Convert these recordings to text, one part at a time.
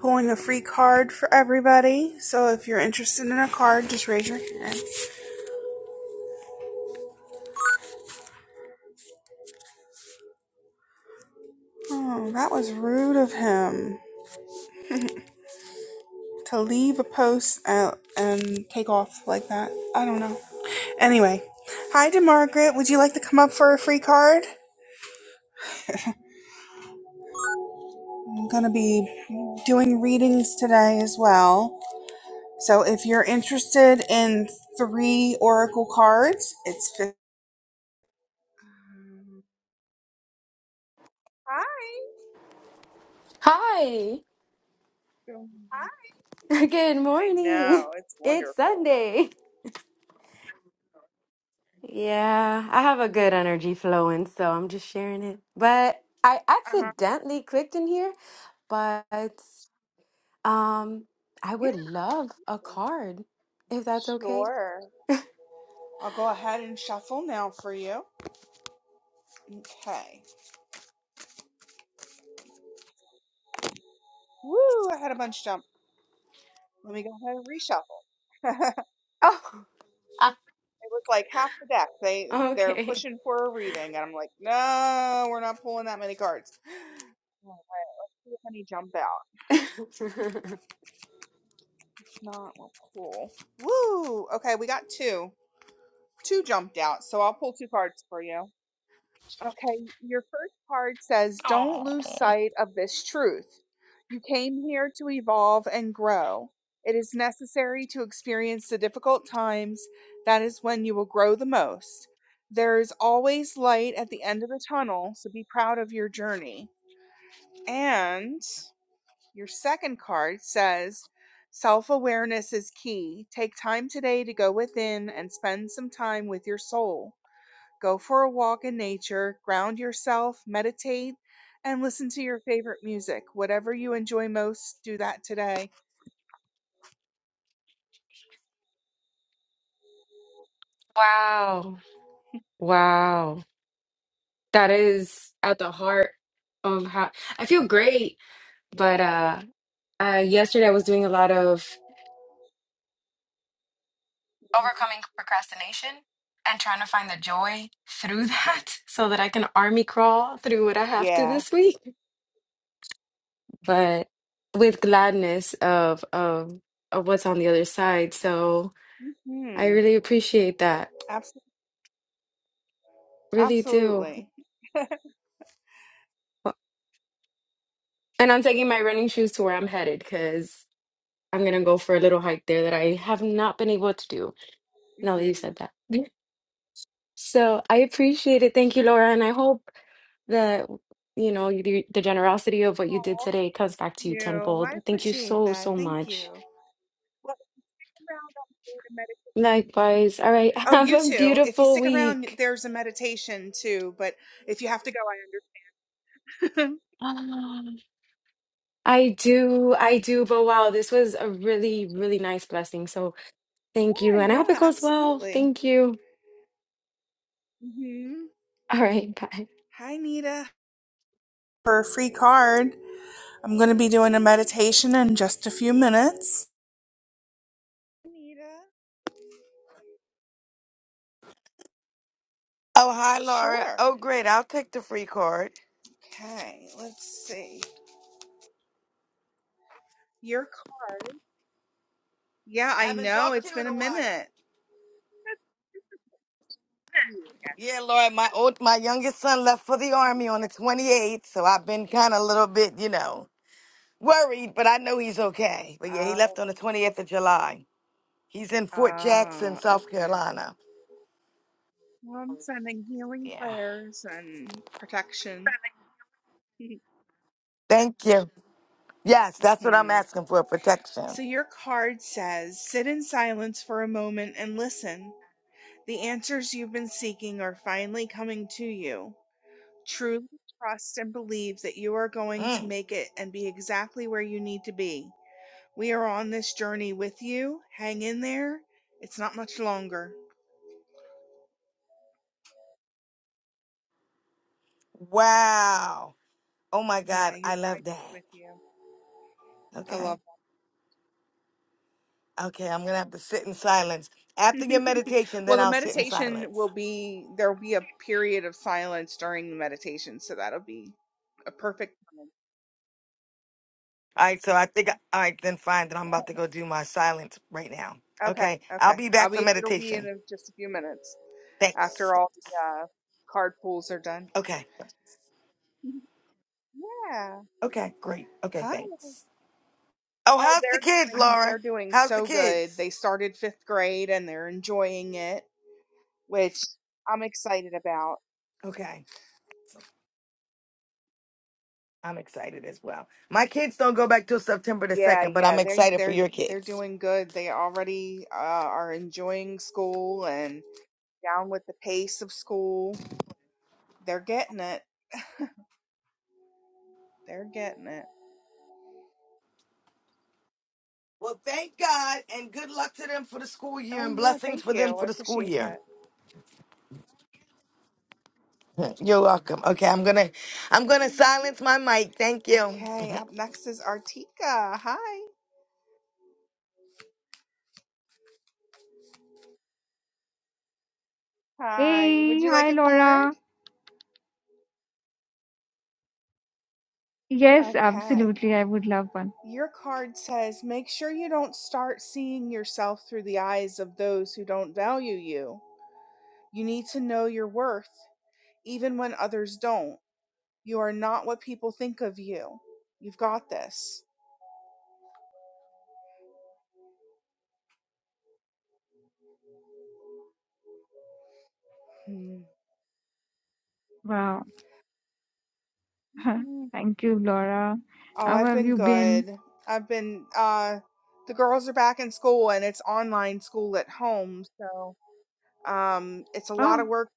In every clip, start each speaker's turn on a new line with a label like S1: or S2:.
S1: pulling a free card for everybody. So if you're interested in a card, just raise your hand. Oh, that was rude of him to leave a post and, and take off like that. I don't know. Anyway, hi to Margaret. Would you like to come up for a free card? I'm going to be doing readings today as well. So if you're interested in three oracle cards, it's fif- Hi.
S2: Hi. Good
S1: I
S2: morning.
S1: know, it's
S2: It's
S1: wonderful.
S2: Sunday. Yeah, I have a good energy flowing, so I'm just sharing it. But I
S1: Uh-huh.
S2: accidentally clicked in here, but um I would love a card if that's okay.
S1: Sure. I'll go ahead and shuffle now for you. Okay. Woo! I had a bunch jump. Let me go ahead and reshuffle.
S2: Oh, ah,
S1: It was like half the deck. They they're
S2: okay.
S1: pushing for a reading, and I'm like, no, we're not pulling that many cards. All right, let's see if any jump out. If not, we'll cool. Woo! Okay, we got two. Two jumped out, so I'll pull two cards for you. Okay, your first card says,
S2: Oh,
S1: Don't lose sight of this truth. You came here to evolve and grow. It is necessary to experience the difficult times. That is when you will grow the most. There is always light at the end of the tunnel, so be proud of your journey. And your second card says, Self awareness is key. Take time today to go within and spend some time with your soul go for a walk in nature, ground yourself, meditate, and listen to your favorite music. Whatever you enjoy most, do that today.
S2: wow. Wow. That is at the heart of how I feel great. But uh, uh yesterday I was doing a lot of overcoming procrastination and trying to find the joy through that so that I can army crawl through what I have to
S1: Yeah.
S2: this week, but with gladness of of of what's on the other side. So I
S1: Hmm.
S2: really appreciate that.
S1: Abs-
S2: Really do.
S1: absolutely.
S2: Well, And I'm taking my running shoes to where I'm headed because I'm gonna go for a little hike there that I have not been able to do. Now that
S1: hmm
S2: you said that. So I appreciate it. Thank you, Laura. And I hope that, you know, you, the generosity of what you did
S1: Oh,
S2: today comes back to
S1: thank
S2: you
S1: you. I
S2: tenfold. Thank you
S1: appreciate
S2: so,
S1: that.
S2: so
S1: Thank
S2: much.
S1: you. Well, stick around. I'll do the meditation.
S2: Likewise. All right.
S1: Oh,
S2: Have
S1: you
S2: a
S1: too. If you
S2: beautiful
S1: stick around,
S2: week.
S1: there's a meditation too. But if you have to go, I understand.
S2: Um, I do. I do. But wow, this was a really, really nice blessing. So thank you.
S1: yeah,
S2: And I hope it
S1: yeah,
S2: goes well.
S1: absolutely.
S2: Thank you.
S1: hmm
S2: All right. Bye.
S1: Hi, Nita. For a free card. I'm going to be doing a meditation in just a few minutes. Anita?
S3: Oh, hi, Laura.
S1: Sure.
S3: Oh, great. I'll take the free card.
S1: Okay, let's see. You're, c- yeah, I
S3: Haven't
S1: know.
S3: talked to
S1: It's
S3: you
S1: been
S3: in
S1: a
S3: a while.
S1: minute.
S3: Yeah, Laura, my old, my youngest son left for the army on the 28th, so I've been kind of a little bit, you know, worried, but I know he's okay. But yeah, he
S1: Oh,
S3: left on the twentieth of July. He's in Fort Jackson,
S1: ah,
S3: South
S1: okay.
S3: Carolina.
S1: Well, I'm sending healing
S3: Yeah.
S1: prayers and protection.
S3: Thank you. Yes, that's what I'm
S1: hmm
S3: asking for, protection.
S1: So your card says, sit in silence for a moment and listen. The answers you've been seeking are finally coming to you. Truly trust and believe that you are going to
S3: Mm.
S1: make it and be exactly where you need to be. We are on this journey with you. Hang in there. It's not much longer.
S3: Wow. Oh my
S1: Yeah,
S3: God,
S1: you're
S3: I
S1: God
S3: love that.
S1: with you. I
S3: Okay.
S1: love
S3: Okay, I'm going to have to sit in silence.
S1: that.
S3: After your meditation,
S1: well,
S3: then
S1: the
S3: I'll sit in
S1: meditation
S3: silence.
S1: will be, there'll be a period of silence during the meditation. So that'll be a perfect
S3: All right, so I think, all right, then fine. Then I'm about to go do my silence right now.
S1: time. Okay,
S3: Okay, I'll
S1: okay.
S3: be
S1: I'll
S3: back for
S1: be, it'll be in
S3: meditation.
S1: a, just a few minutes after
S3: Thanks.
S1: all the uh, card pools are done.
S3: Okay.
S1: yeah.
S3: Okay, great.
S1: Hi.
S3: Okay, thanks. Oh,
S1: Oh,
S3: how's the
S1: they're
S3: kids,
S1: doing
S3: Laura?
S1: they're doing
S3: How's the
S1: so good.
S3: kids?
S1: They started fifth grade and they're enjoying it, which I'm excited about.
S3: Okay. so I'm excited as well. My kids don't go back till September the
S1: Yeah,
S3: 2nd, but
S1: yeah,
S3: I'm
S1: they're
S3: excited for
S1: they're
S3: your
S1: they're
S3: kids.
S1: doing good. They already uh, are enjoying school and down with the pace of school. They're getting it. They're getting it.
S3: Well, thank God and good luck to them for the school year
S1: Oh
S3: and
S1: yeah,
S3: blessings
S1: thank
S3: for them
S1: you. I
S3: for the school
S1: appreciate
S3: year.
S1: that.
S3: You're welcome. Okay, I'm going to I'm going to
S1: hmm
S3: silence my mic. Thank you.
S1: Okay, up next is Artika. Hi. Hi. Would
S4: Hey,
S1: you like
S4: hi
S1: a card?
S4: Laura. Yes,
S1: Okay.
S4: absolutely. I would love one.
S1: Your card says, make sure you don't start seeing yourself through the eyes of those who don't value you. You need to know your worth, even when others don't. You are not what people think of you. You've got this. Hmm.
S4: Wow.
S1: Mm.
S4: Thank you, Laura.
S1: Oh,
S4: How
S1: I've
S4: have
S1: been
S4: you been?
S1: good. I've been, uh, the girls are back in school and it's online school at home. So, um, it's a lot
S4: Oh,
S1: of work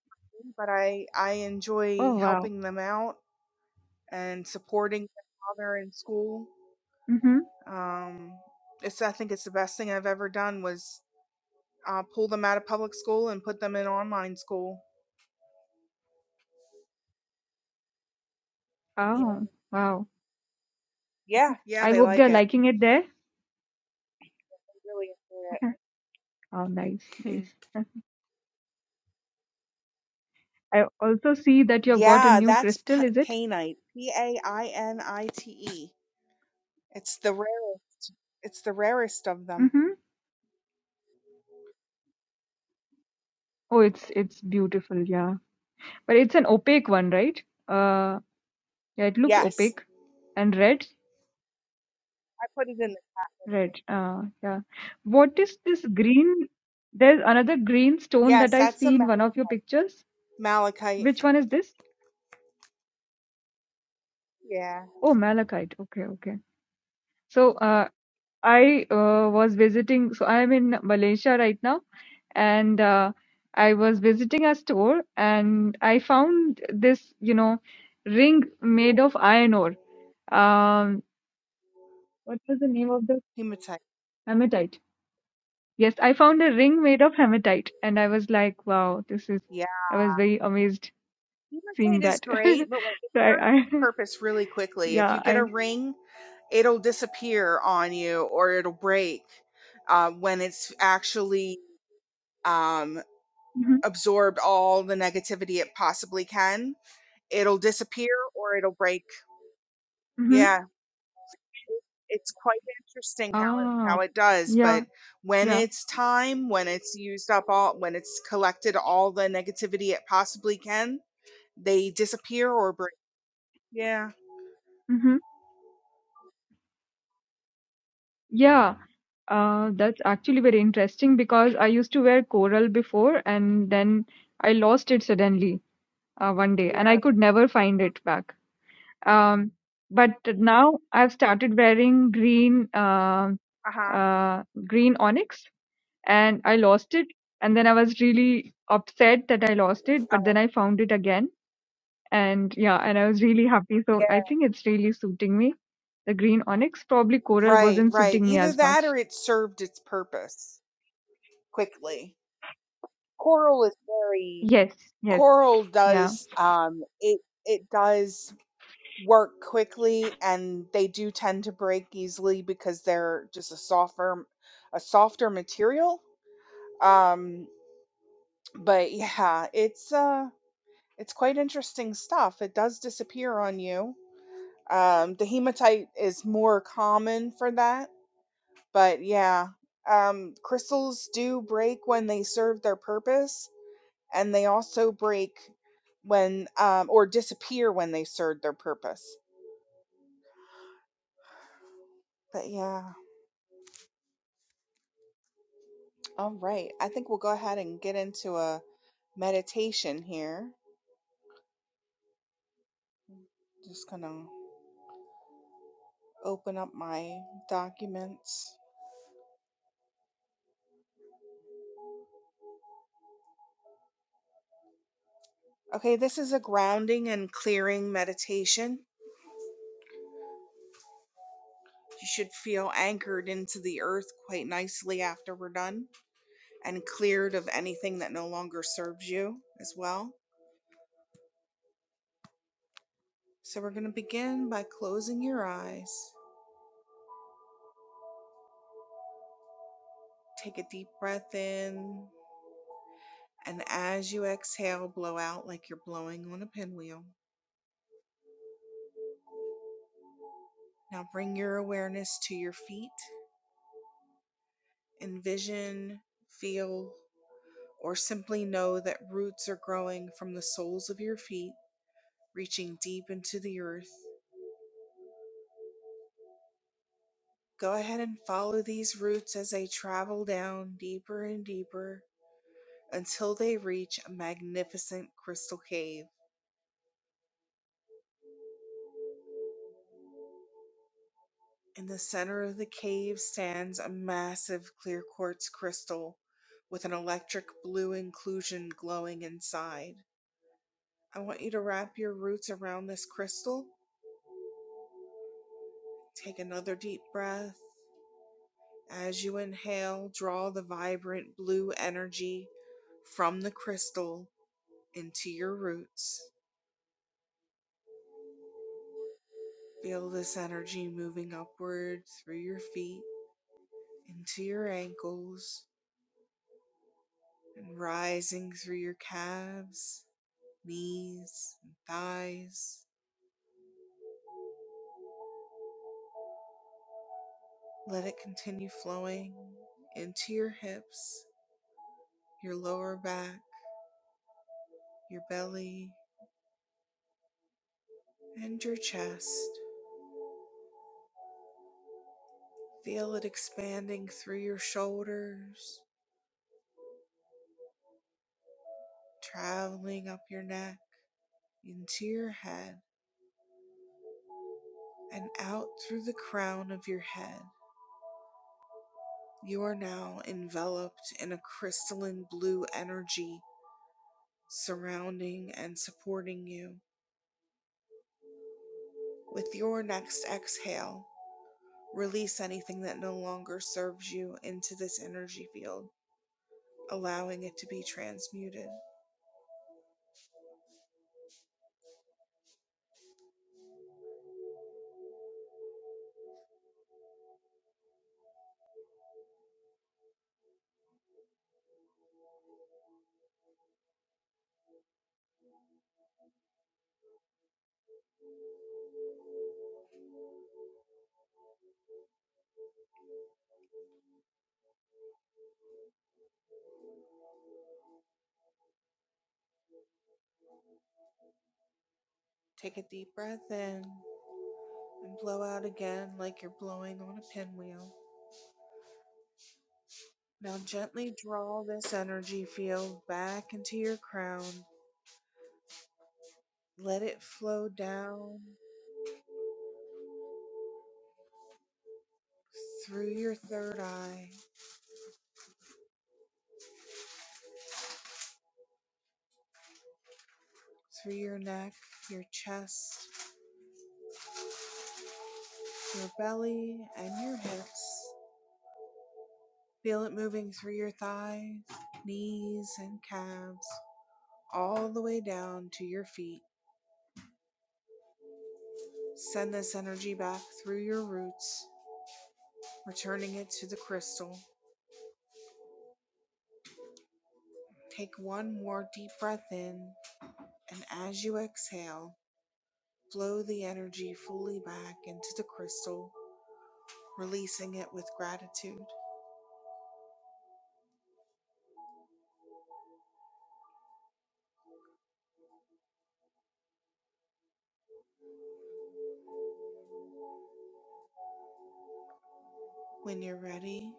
S1: but I I enjoy
S4: oh wow.
S1: helping them out and supporting them while they're in school.
S4: Mm-hmm.
S1: Um, it's I think it's the best thing I've ever done was uh, pull them out of public school and put them in online school. Yeah,
S4: Oh, wow.
S1: yeah, Yeah,
S4: I
S1: they
S4: hope
S1: like
S4: they're
S1: it. I
S4: liking it there.
S1: really enjoy it.
S4: Oh, nice, nice.
S1: Hmm.
S4: I also see that you've got a
S1: Yeah,
S4: new
S1: that's
S4: crystal, is
S1: P-
S4: it?
S1: painite. P A I N I T E. it's the rare. It's the rarest of them.
S4: Mm-hmm. Oh, it's it's beautiful, yeah. But it's an opaque one, right? Uh, yeah, it looks
S1: Yes,
S4: opaque and red.
S1: I put it in the editor.
S4: Red. Uh, yeah. What is this green? There's another green stone that
S1: Yes,
S4: I
S1: that's a
S4: see
S1: mal.
S4: in one of your pictures.
S1: Malachite,
S4: Which one is this?
S1: Yeah.
S4: Oh, malachite. Okay, okay. So, uh, I uh, was visiting. So, I am in Malaysia right now, and uh, I was visiting a store, and I found this, you know, ring made
S1: Ooh.
S4: of iron ore. Um, what was the name of the
S1: hematite.
S4: hematite? Yes, I found a ring made of hematite, and I was like, wow, this is,
S1: Yeah.
S4: I was very amazed seeing
S1: Hematite is
S4: that.
S1: great, but like, it
S4: So I,
S1: serves its
S4: I,
S1: purpose really quickly. If
S4: yeah,
S1: you get
S4: I,
S1: a ring, it'll disappear on you or it'll break uh, when it's actually um,
S4: mm-hmm,
S1: absorbed all the negativity it possibly can. It'll disappear or it'll break.
S4: mm-hmm.
S1: Yeah, it's quite interesting how it
S4: Ah,
S1: how it does.
S4: yeah,
S1: But when
S4: yeah,
S1: it's time, when it's used up all, when it's collected all the negativity it possibly can, they disappear or break. Yeah,
S4: mm-hmm, yeah. Uh, that's actually very interesting because I used to wear coral before, and then I lost it suddenly, uh, one day, and I
S1: yeah.
S4: could never find it back. Um, but now I've started wearing green, uh,
S1: Uh-huh.
S4: uh, green onyx and I lost it. And then I was really upset that I lost it, but then I found it again. And yeah, and I was really happy. So
S1: Yeah.
S4: I think it's really suiting me. The green onyx, probably coral
S1: Right,
S4: wasn't
S1: right.
S4: suiting me
S1: Either
S4: as
S1: that
S4: much.
S1: or it served its purpose quickly. Coral is very
S4: Yes, yes,
S1: Coral
S4: yeah.
S1: does um it it does work quickly and they do tend to break easily because they're just a softer a softer material. Um but yeah, it's uh it's quite interesting stuff. It does disappear on you. Um the hematite is more common for that. But yeah, um, crystals do break when they serve their purpose, and they also break when, um, or disappear when they serve their purpose. But yeah, all right. I think we'll go ahead and get into a meditation here. Just gonna open up my documents. Okay, this is a grounding and clearing meditation. You should feel anchored into the earth quite nicely after we're done. and cleared of anything that no longer serves you as well. So we're going to begin by closing your eyes. Take a deep breath in, and as you exhale, blow out like you're blowing on a pinwheel. Now bring your awareness to your feet. Envision, feel, or simply know that roots are growing from the soles of your feet, reaching deep into the earth. Go ahead and follow these roots as they travel down deeper and deeper until they reach a magnificent crystal cave. In the center of the cave stands a massive clear quartz crystal with an electric blue inclusion glowing inside. I want you to wrap your roots around this crystal. Take another deep breath. As you inhale, draw the vibrant blue energy from the crystal into your roots. Feel this energy moving upward through your feet into your ankles and rising through your calves, knees, and thighs. Let it continue flowing into your hips, your lower back, your belly, and your chest. Feel it expanding through your shoulders, traveling up your neck, into your head, and out through the crown of your head. You are now enveloped in a crystalline blue energy surrounding and supporting you. With your next exhale, release anything that no longer serves you into this energy field, allowing it to be transmuted. Take a deep breath in and blow out again like you're blowing on a pinwheel. Now gently draw this energy field back into your crown. Let it flow down through your third eye, through your neck, your chest, your belly, and your hips. Feel it moving through your thighs, knees, and calves, all the way down to your feet. Send this energy back through your roots, returning it to the crystal. Take one more deep breath in, and as you exhale, flow the energy fully back into the crystal, releasing it with gratitude. When you're ready,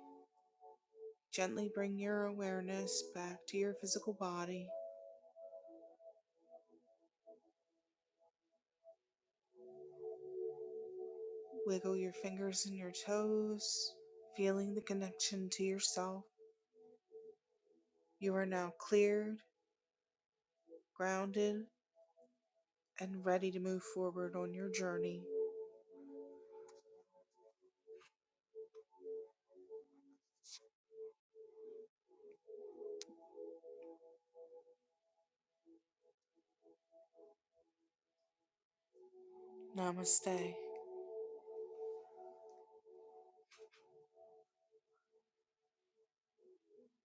S1: gently bring your awareness back to your physical body Wiggle your fingers and your toes, feeling the connection to yourself. You are now cleared, grounded, and ready to move forward on your journey. Namaste.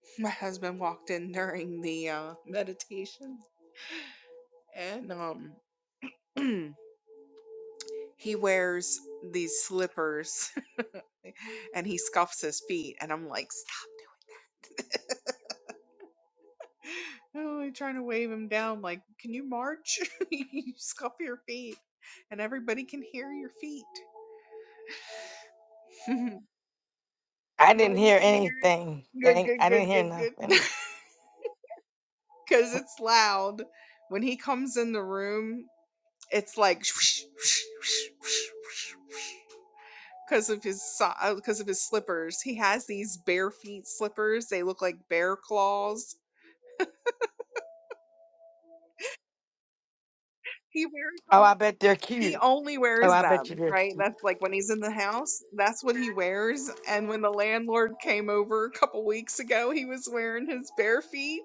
S1: My husband walked in during the uh, meditation, and um, he wears these slippers, and he scuffs his feet, and I'm like, stop doing that. Oh, you're trying to wave him down like, can you march? you scuff your feet, and everybody can hear your feet. no,
S3: I didn't
S1: you
S3: hear
S1: can hear it.
S3: anything.
S1: Good,
S3: Thank
S1: good,
S3: I didn't
S1: good,
S3: hear
S1: good, good.
S3: nothing.
S1: Because it's loud. When he comes in the room, it's like because of his because of his slippers. He has these bare feet slippers. They look like bear claws. He wears
S3: Oh,
S1: them.
S3: I bet they're
S1: He
S3: cute.
S1: only
S3: Oh,
S1: wears
S3: I
S1: them,
S3: bet you they're
S1: right?
S3: cute.
S1: That's like when he's in the house, that's what he wears. And when the landlord came over a couple weeks ago, he was wearing his bare feet.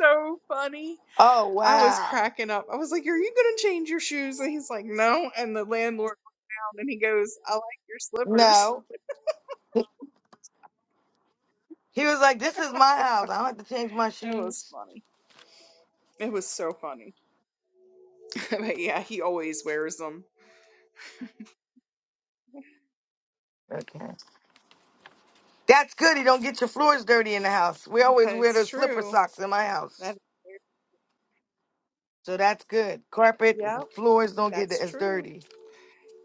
S1: So funny.
S3: Oh
S1: I was
S3: wow.
S1: cracking up. I was like, Are you going to change your shoes? And he's like, No. And the landlord found and he goes, I like your slippers.
S3: No. He was like, This is my house. I don't have to change my
S1: It was
S3: shoes.
S1: funny. It was so funny. but yeah, he always wears them.
S3: Okay. That's good. He don't get your floors dirty in the house. We always wear
S1: It's
S3: the slipper
S1: true.
S3: socks in my
S1: That,
S3: house. So that's good. Carpet
S1: yeah,
S3: floors don't get
S1: that's
S3: as
S1: true.
S3: dirty.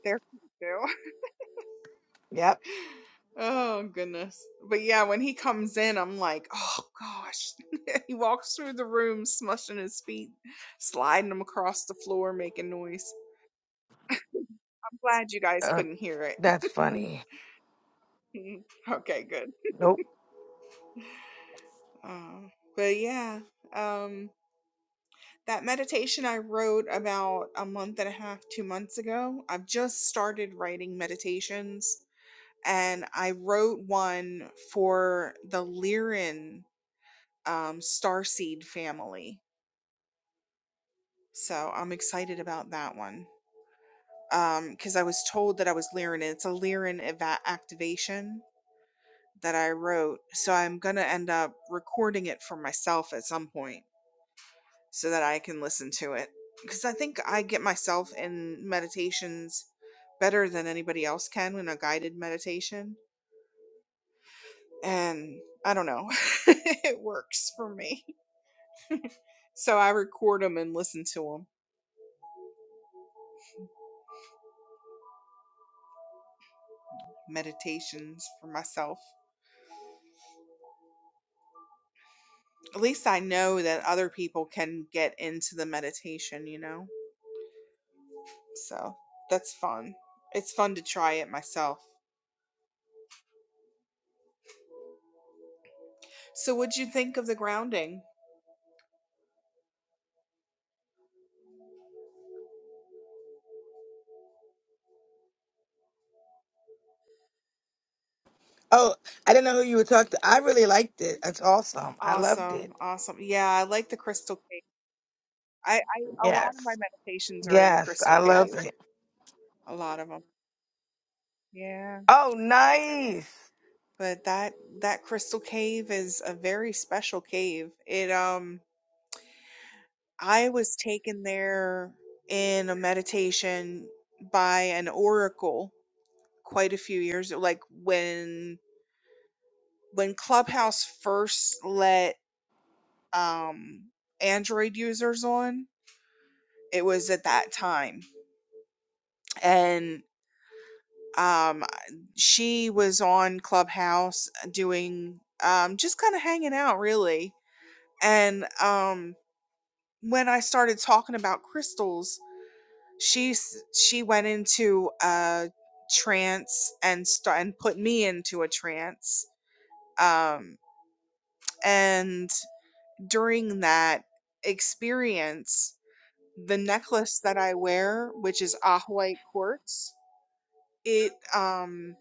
S1: They're cute too.
S3: Yep.
S1: Oh goodness. But yeah, when he comes in, I'm like, oh gosh. he walks through the room smushing his feet, sliding them across the floor, making noise. I'm glad you guys
S3: Uh,
S1: couldn't hear
S3: that's funny.
S1: it. okay, good.
S3: Nope.
S1: Uh, but yeah, um that meditation I wrote about a month and a half, two months ago, I've just started writing meditations. And I wrote one for the Lyran um, starseed family So, I'm excited about that one. Um, because I was told that I was Lyran, it's a Lyran eva activation that I wrote, so I'm gonna end up recording it for myself at some point so that I can listen to it because I think I get myself in meditations better than anybody else can in a guided meditation, and I don't know, it works for me. So I record them and listen to them. Meditations for myself. at least I know that other people can get into the meditation, you know? So that's fun. It's fun to try it myself. So, what'd you think of the grounding?
S3: Oh, I didn't know who you were talking to. I really liked it. That's awesome. I loved it.
S1: Awesome. Awesome. Yeah, I like the crystal cave. I, I, a lot of my
S3: Yes.
S1: meditations are in the
S3: Yes,
S1: crystal
S3: I
S1: cave.
S3: loved it.
S1: A lot of them. Yeah.
S3: Oh, nice.
S1: But that, that crystal cave is a very special cave. It, um, I was taken there in a meditation by an oracle quite a few years like when when clubhouse first let um android users on it was at that time and um she was on clubhouse doing um just kind of hanging out really and um when i started talking about crystals she s- she went into a trance and st- and put me into a trance um and during that experience, the necklace that I wear, which is off-white quartz, it um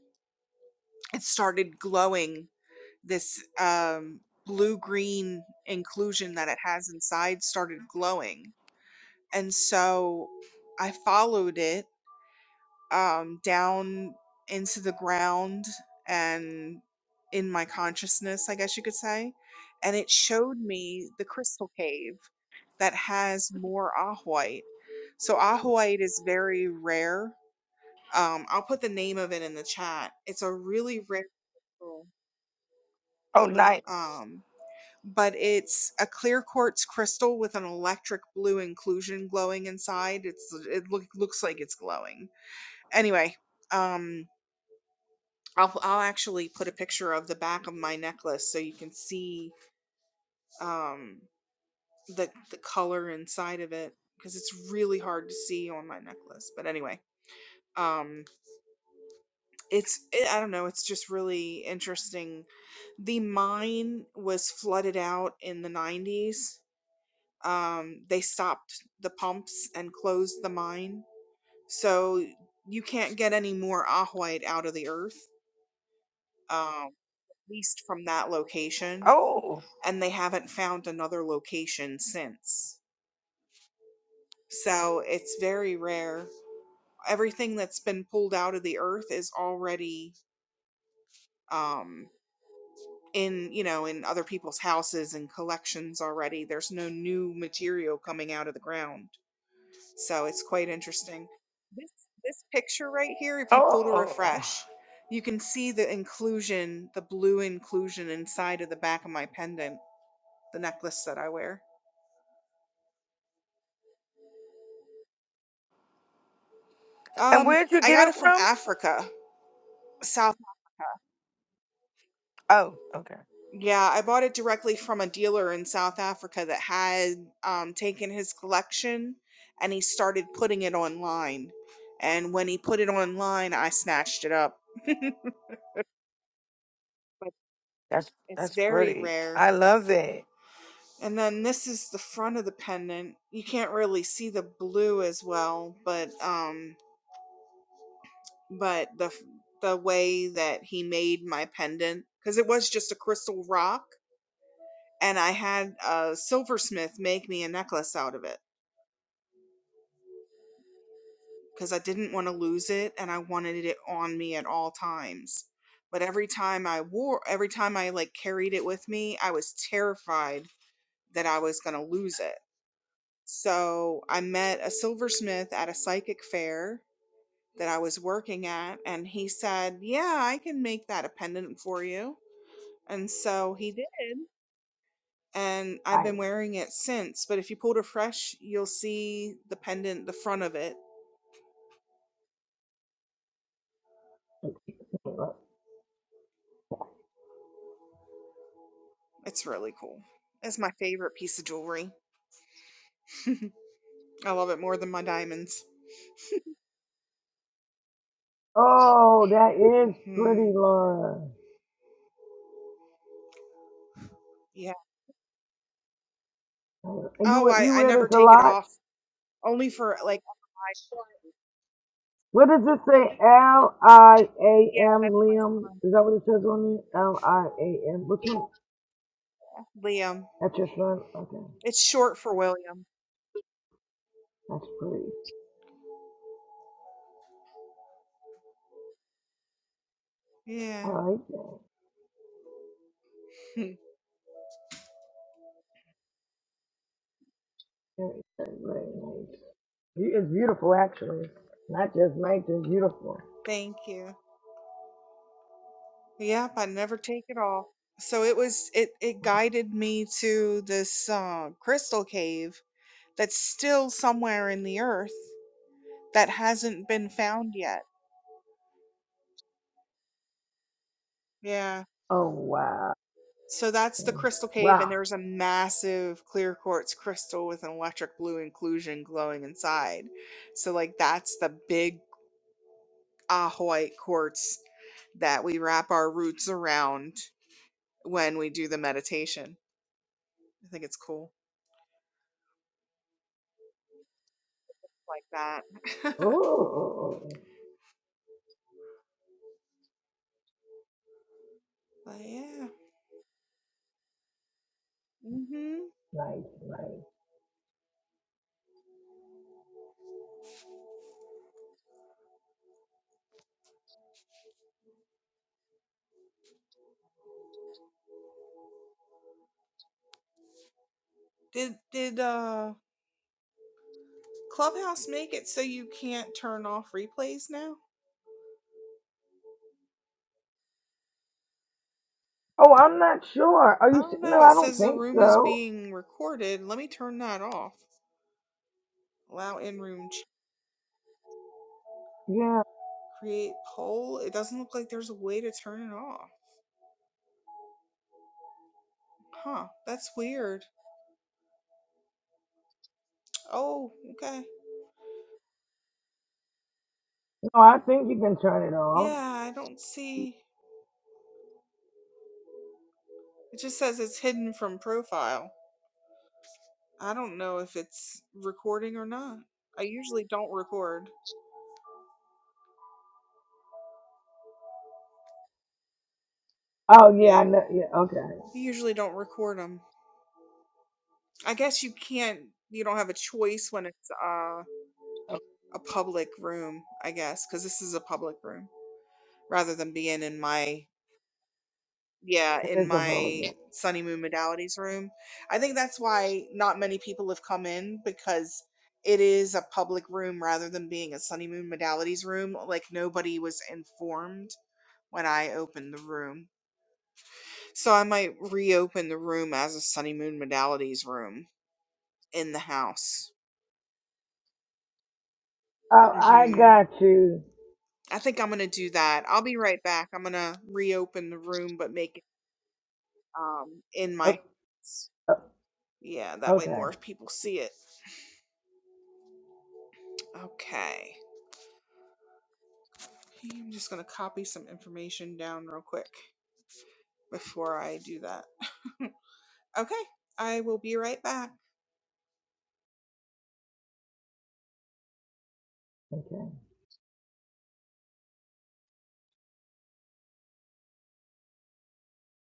S1: it started glowing. This um blue-green inclusion that it has inside started glowing. And so I followed it um, down into the ground and in my consciousness, I guess you could say. And it showed me the crystal cave that has more ahoite. So ahoite is very rare. Um, I'll put the name of it in the chat. It's a really rare crystal.
S3: Oh, nice.
S1: Um, but it's a clear quartz crystal with an electric blue inclusion glowing inside. It's it look, looks like it's glowing. Anyway, um I'll I'll actually put a picture of the back of my necklace so you can see um the the color inside of it because it's really hard to see on my necklace. But anyway, um it's it, I don't know, it's just really interesting. The mine was flooded out in the 90s. Um they stopped the pumps and closed the mine. So you can't get any more ahwite out of the earth. Um at least from that location
S3: Oh,
S1: and they haven't found another location since. So it's very rare. Everything that's been pulled out of the earth is already um, in, you know, in other people's houses and collections already. There's no new material coming out of the ground. So it's quite interesting. This this picture right here, if you pull to
S3: oh.
S1: refresh, you can see the inclusion, the blue inclusion inside of the back of my pendant, the necklace that I wear.
S3: And
S1: Um,
S3: where'd you
S1: I
S3: get
S1: got
S3: it
S1: it from
S3: from?
S1: Africa. South
S3: Oh, okay.
S1: yeah, I bought it directly from a dealer in South Africa that had um, taken his collection and he started putting it online. And when he put it online, I snatched it up. But
S3: That's
S1: it's
S3: that's
S1: very
S3: pretty.
S1: rare.
S3: I love it.
S1: And then this is the front of the pendant. You can't really see the blue as well, but um but the f- the way that he made my pendant cuz it was just a crystal rock and I had a silversmith make me a necklace out of it because I didn't want to lose it and I wanted it on me at all times. But every time I wore, every time I like carried it with me, I was terrified that I was going to lose it. So I met a silversmith at a psychic fair that I was working at, and he said, Yeah, I can make that a pendant for you. And so he did. And I've
S3: Right.
S1: been wearing it since. But if you pull to fresh, you'll see the pendant, the front of it. It's really cool. It's my favorite piece of jewelry. I love it more than my diamonds.
S3: Oh, that is
S1: hmm
S3: pretty, Laura.
S1: Yeah.
S3: And you
S1: Oh,
S3: wear-
S1: I
S3: you
S1: I
S3: wear
S1: never
S3: this a
S1: take it
S3: lot.
S1: off. Only for like
S3: What does it say? L I A
S1: yeah,
S3: M Liam. Is that what it says on it? L I A M. Which one?
S1: Liam.
S3: That's your son. Okay,
S1: It's short for William.
S3: that's pretty. I
S1: Yeah.
S3: like that. Very, very, very nice. It's beautiful, actually. Not just nice, it's beautiful.
S1: Thank you. Yep, I never take it off. So it was it it guided me to this uh crystal cave that's still somewhere in the earth that hasn't been found yet. Yeah.
S3: Oh, wow.
S1: So that's the crystal cave, and
S3: Wow.
S1: there's a massive clear quartz crystal with an electric blue inclusion glowing inside. So, like, that's the big ah, white quartz that we wrap our roots around when we do the meditation. I think it's cool like that.
S3: Ooh,
S1: but yeah. hmm
S3: nice, nice.
S1: Did did uh Clubhouse make it so you can't turn off replays now?
S3: Oh, I'm not sure. Are you? s-
S1: Oh
S3: No,
S1: no, it
S3: I don't
S1: says the
S3: think
S1: room is
S3: so.
S1: being recorded. Let me turn that off. Allow in room
S3: Yeah.
S1: Create poll. It doesn't look like there's a way to turn it off. Huh. That's weird. Oh, okay.
S3: No, I think you can turn it off.
S1: Yeah, I don't see. It just says it's hidden from profile. I don't know if it's recording or not. I usually don't record.
S3: Oh, yeah, I
S1: Yeah,
S3: know. Yeah, okay.
S1: I usually don't record them. I guess you can't. You don't have a choice when it's uh,
S3: It
S1: a public room. I guess because this is a public room rather than being in my Yeah, in
S3: is a problem.
S1: my Sunny Moon Modalities room. I think that's why not many people have come in because it is a public room rather than being a Sunny Moon Modalities room. Like nobody was informed when I opened the room. So I might reopen the room as a Sunny Moon Modalities room in the house.
S3: Oh, I
S1: Mhm.
S3: got you.
S1: I think I'm going to do that. I'll be right back. I'm going to reopen the room but make it um in
S3: Oh,
S1: my
S3: oh,
S1: yeah, that way
S3: okay.
S1: more people see it. Okay. Okay, I'm just going to copy some information down real quick before I do that. Okay, I will be right back.
S3: Okay.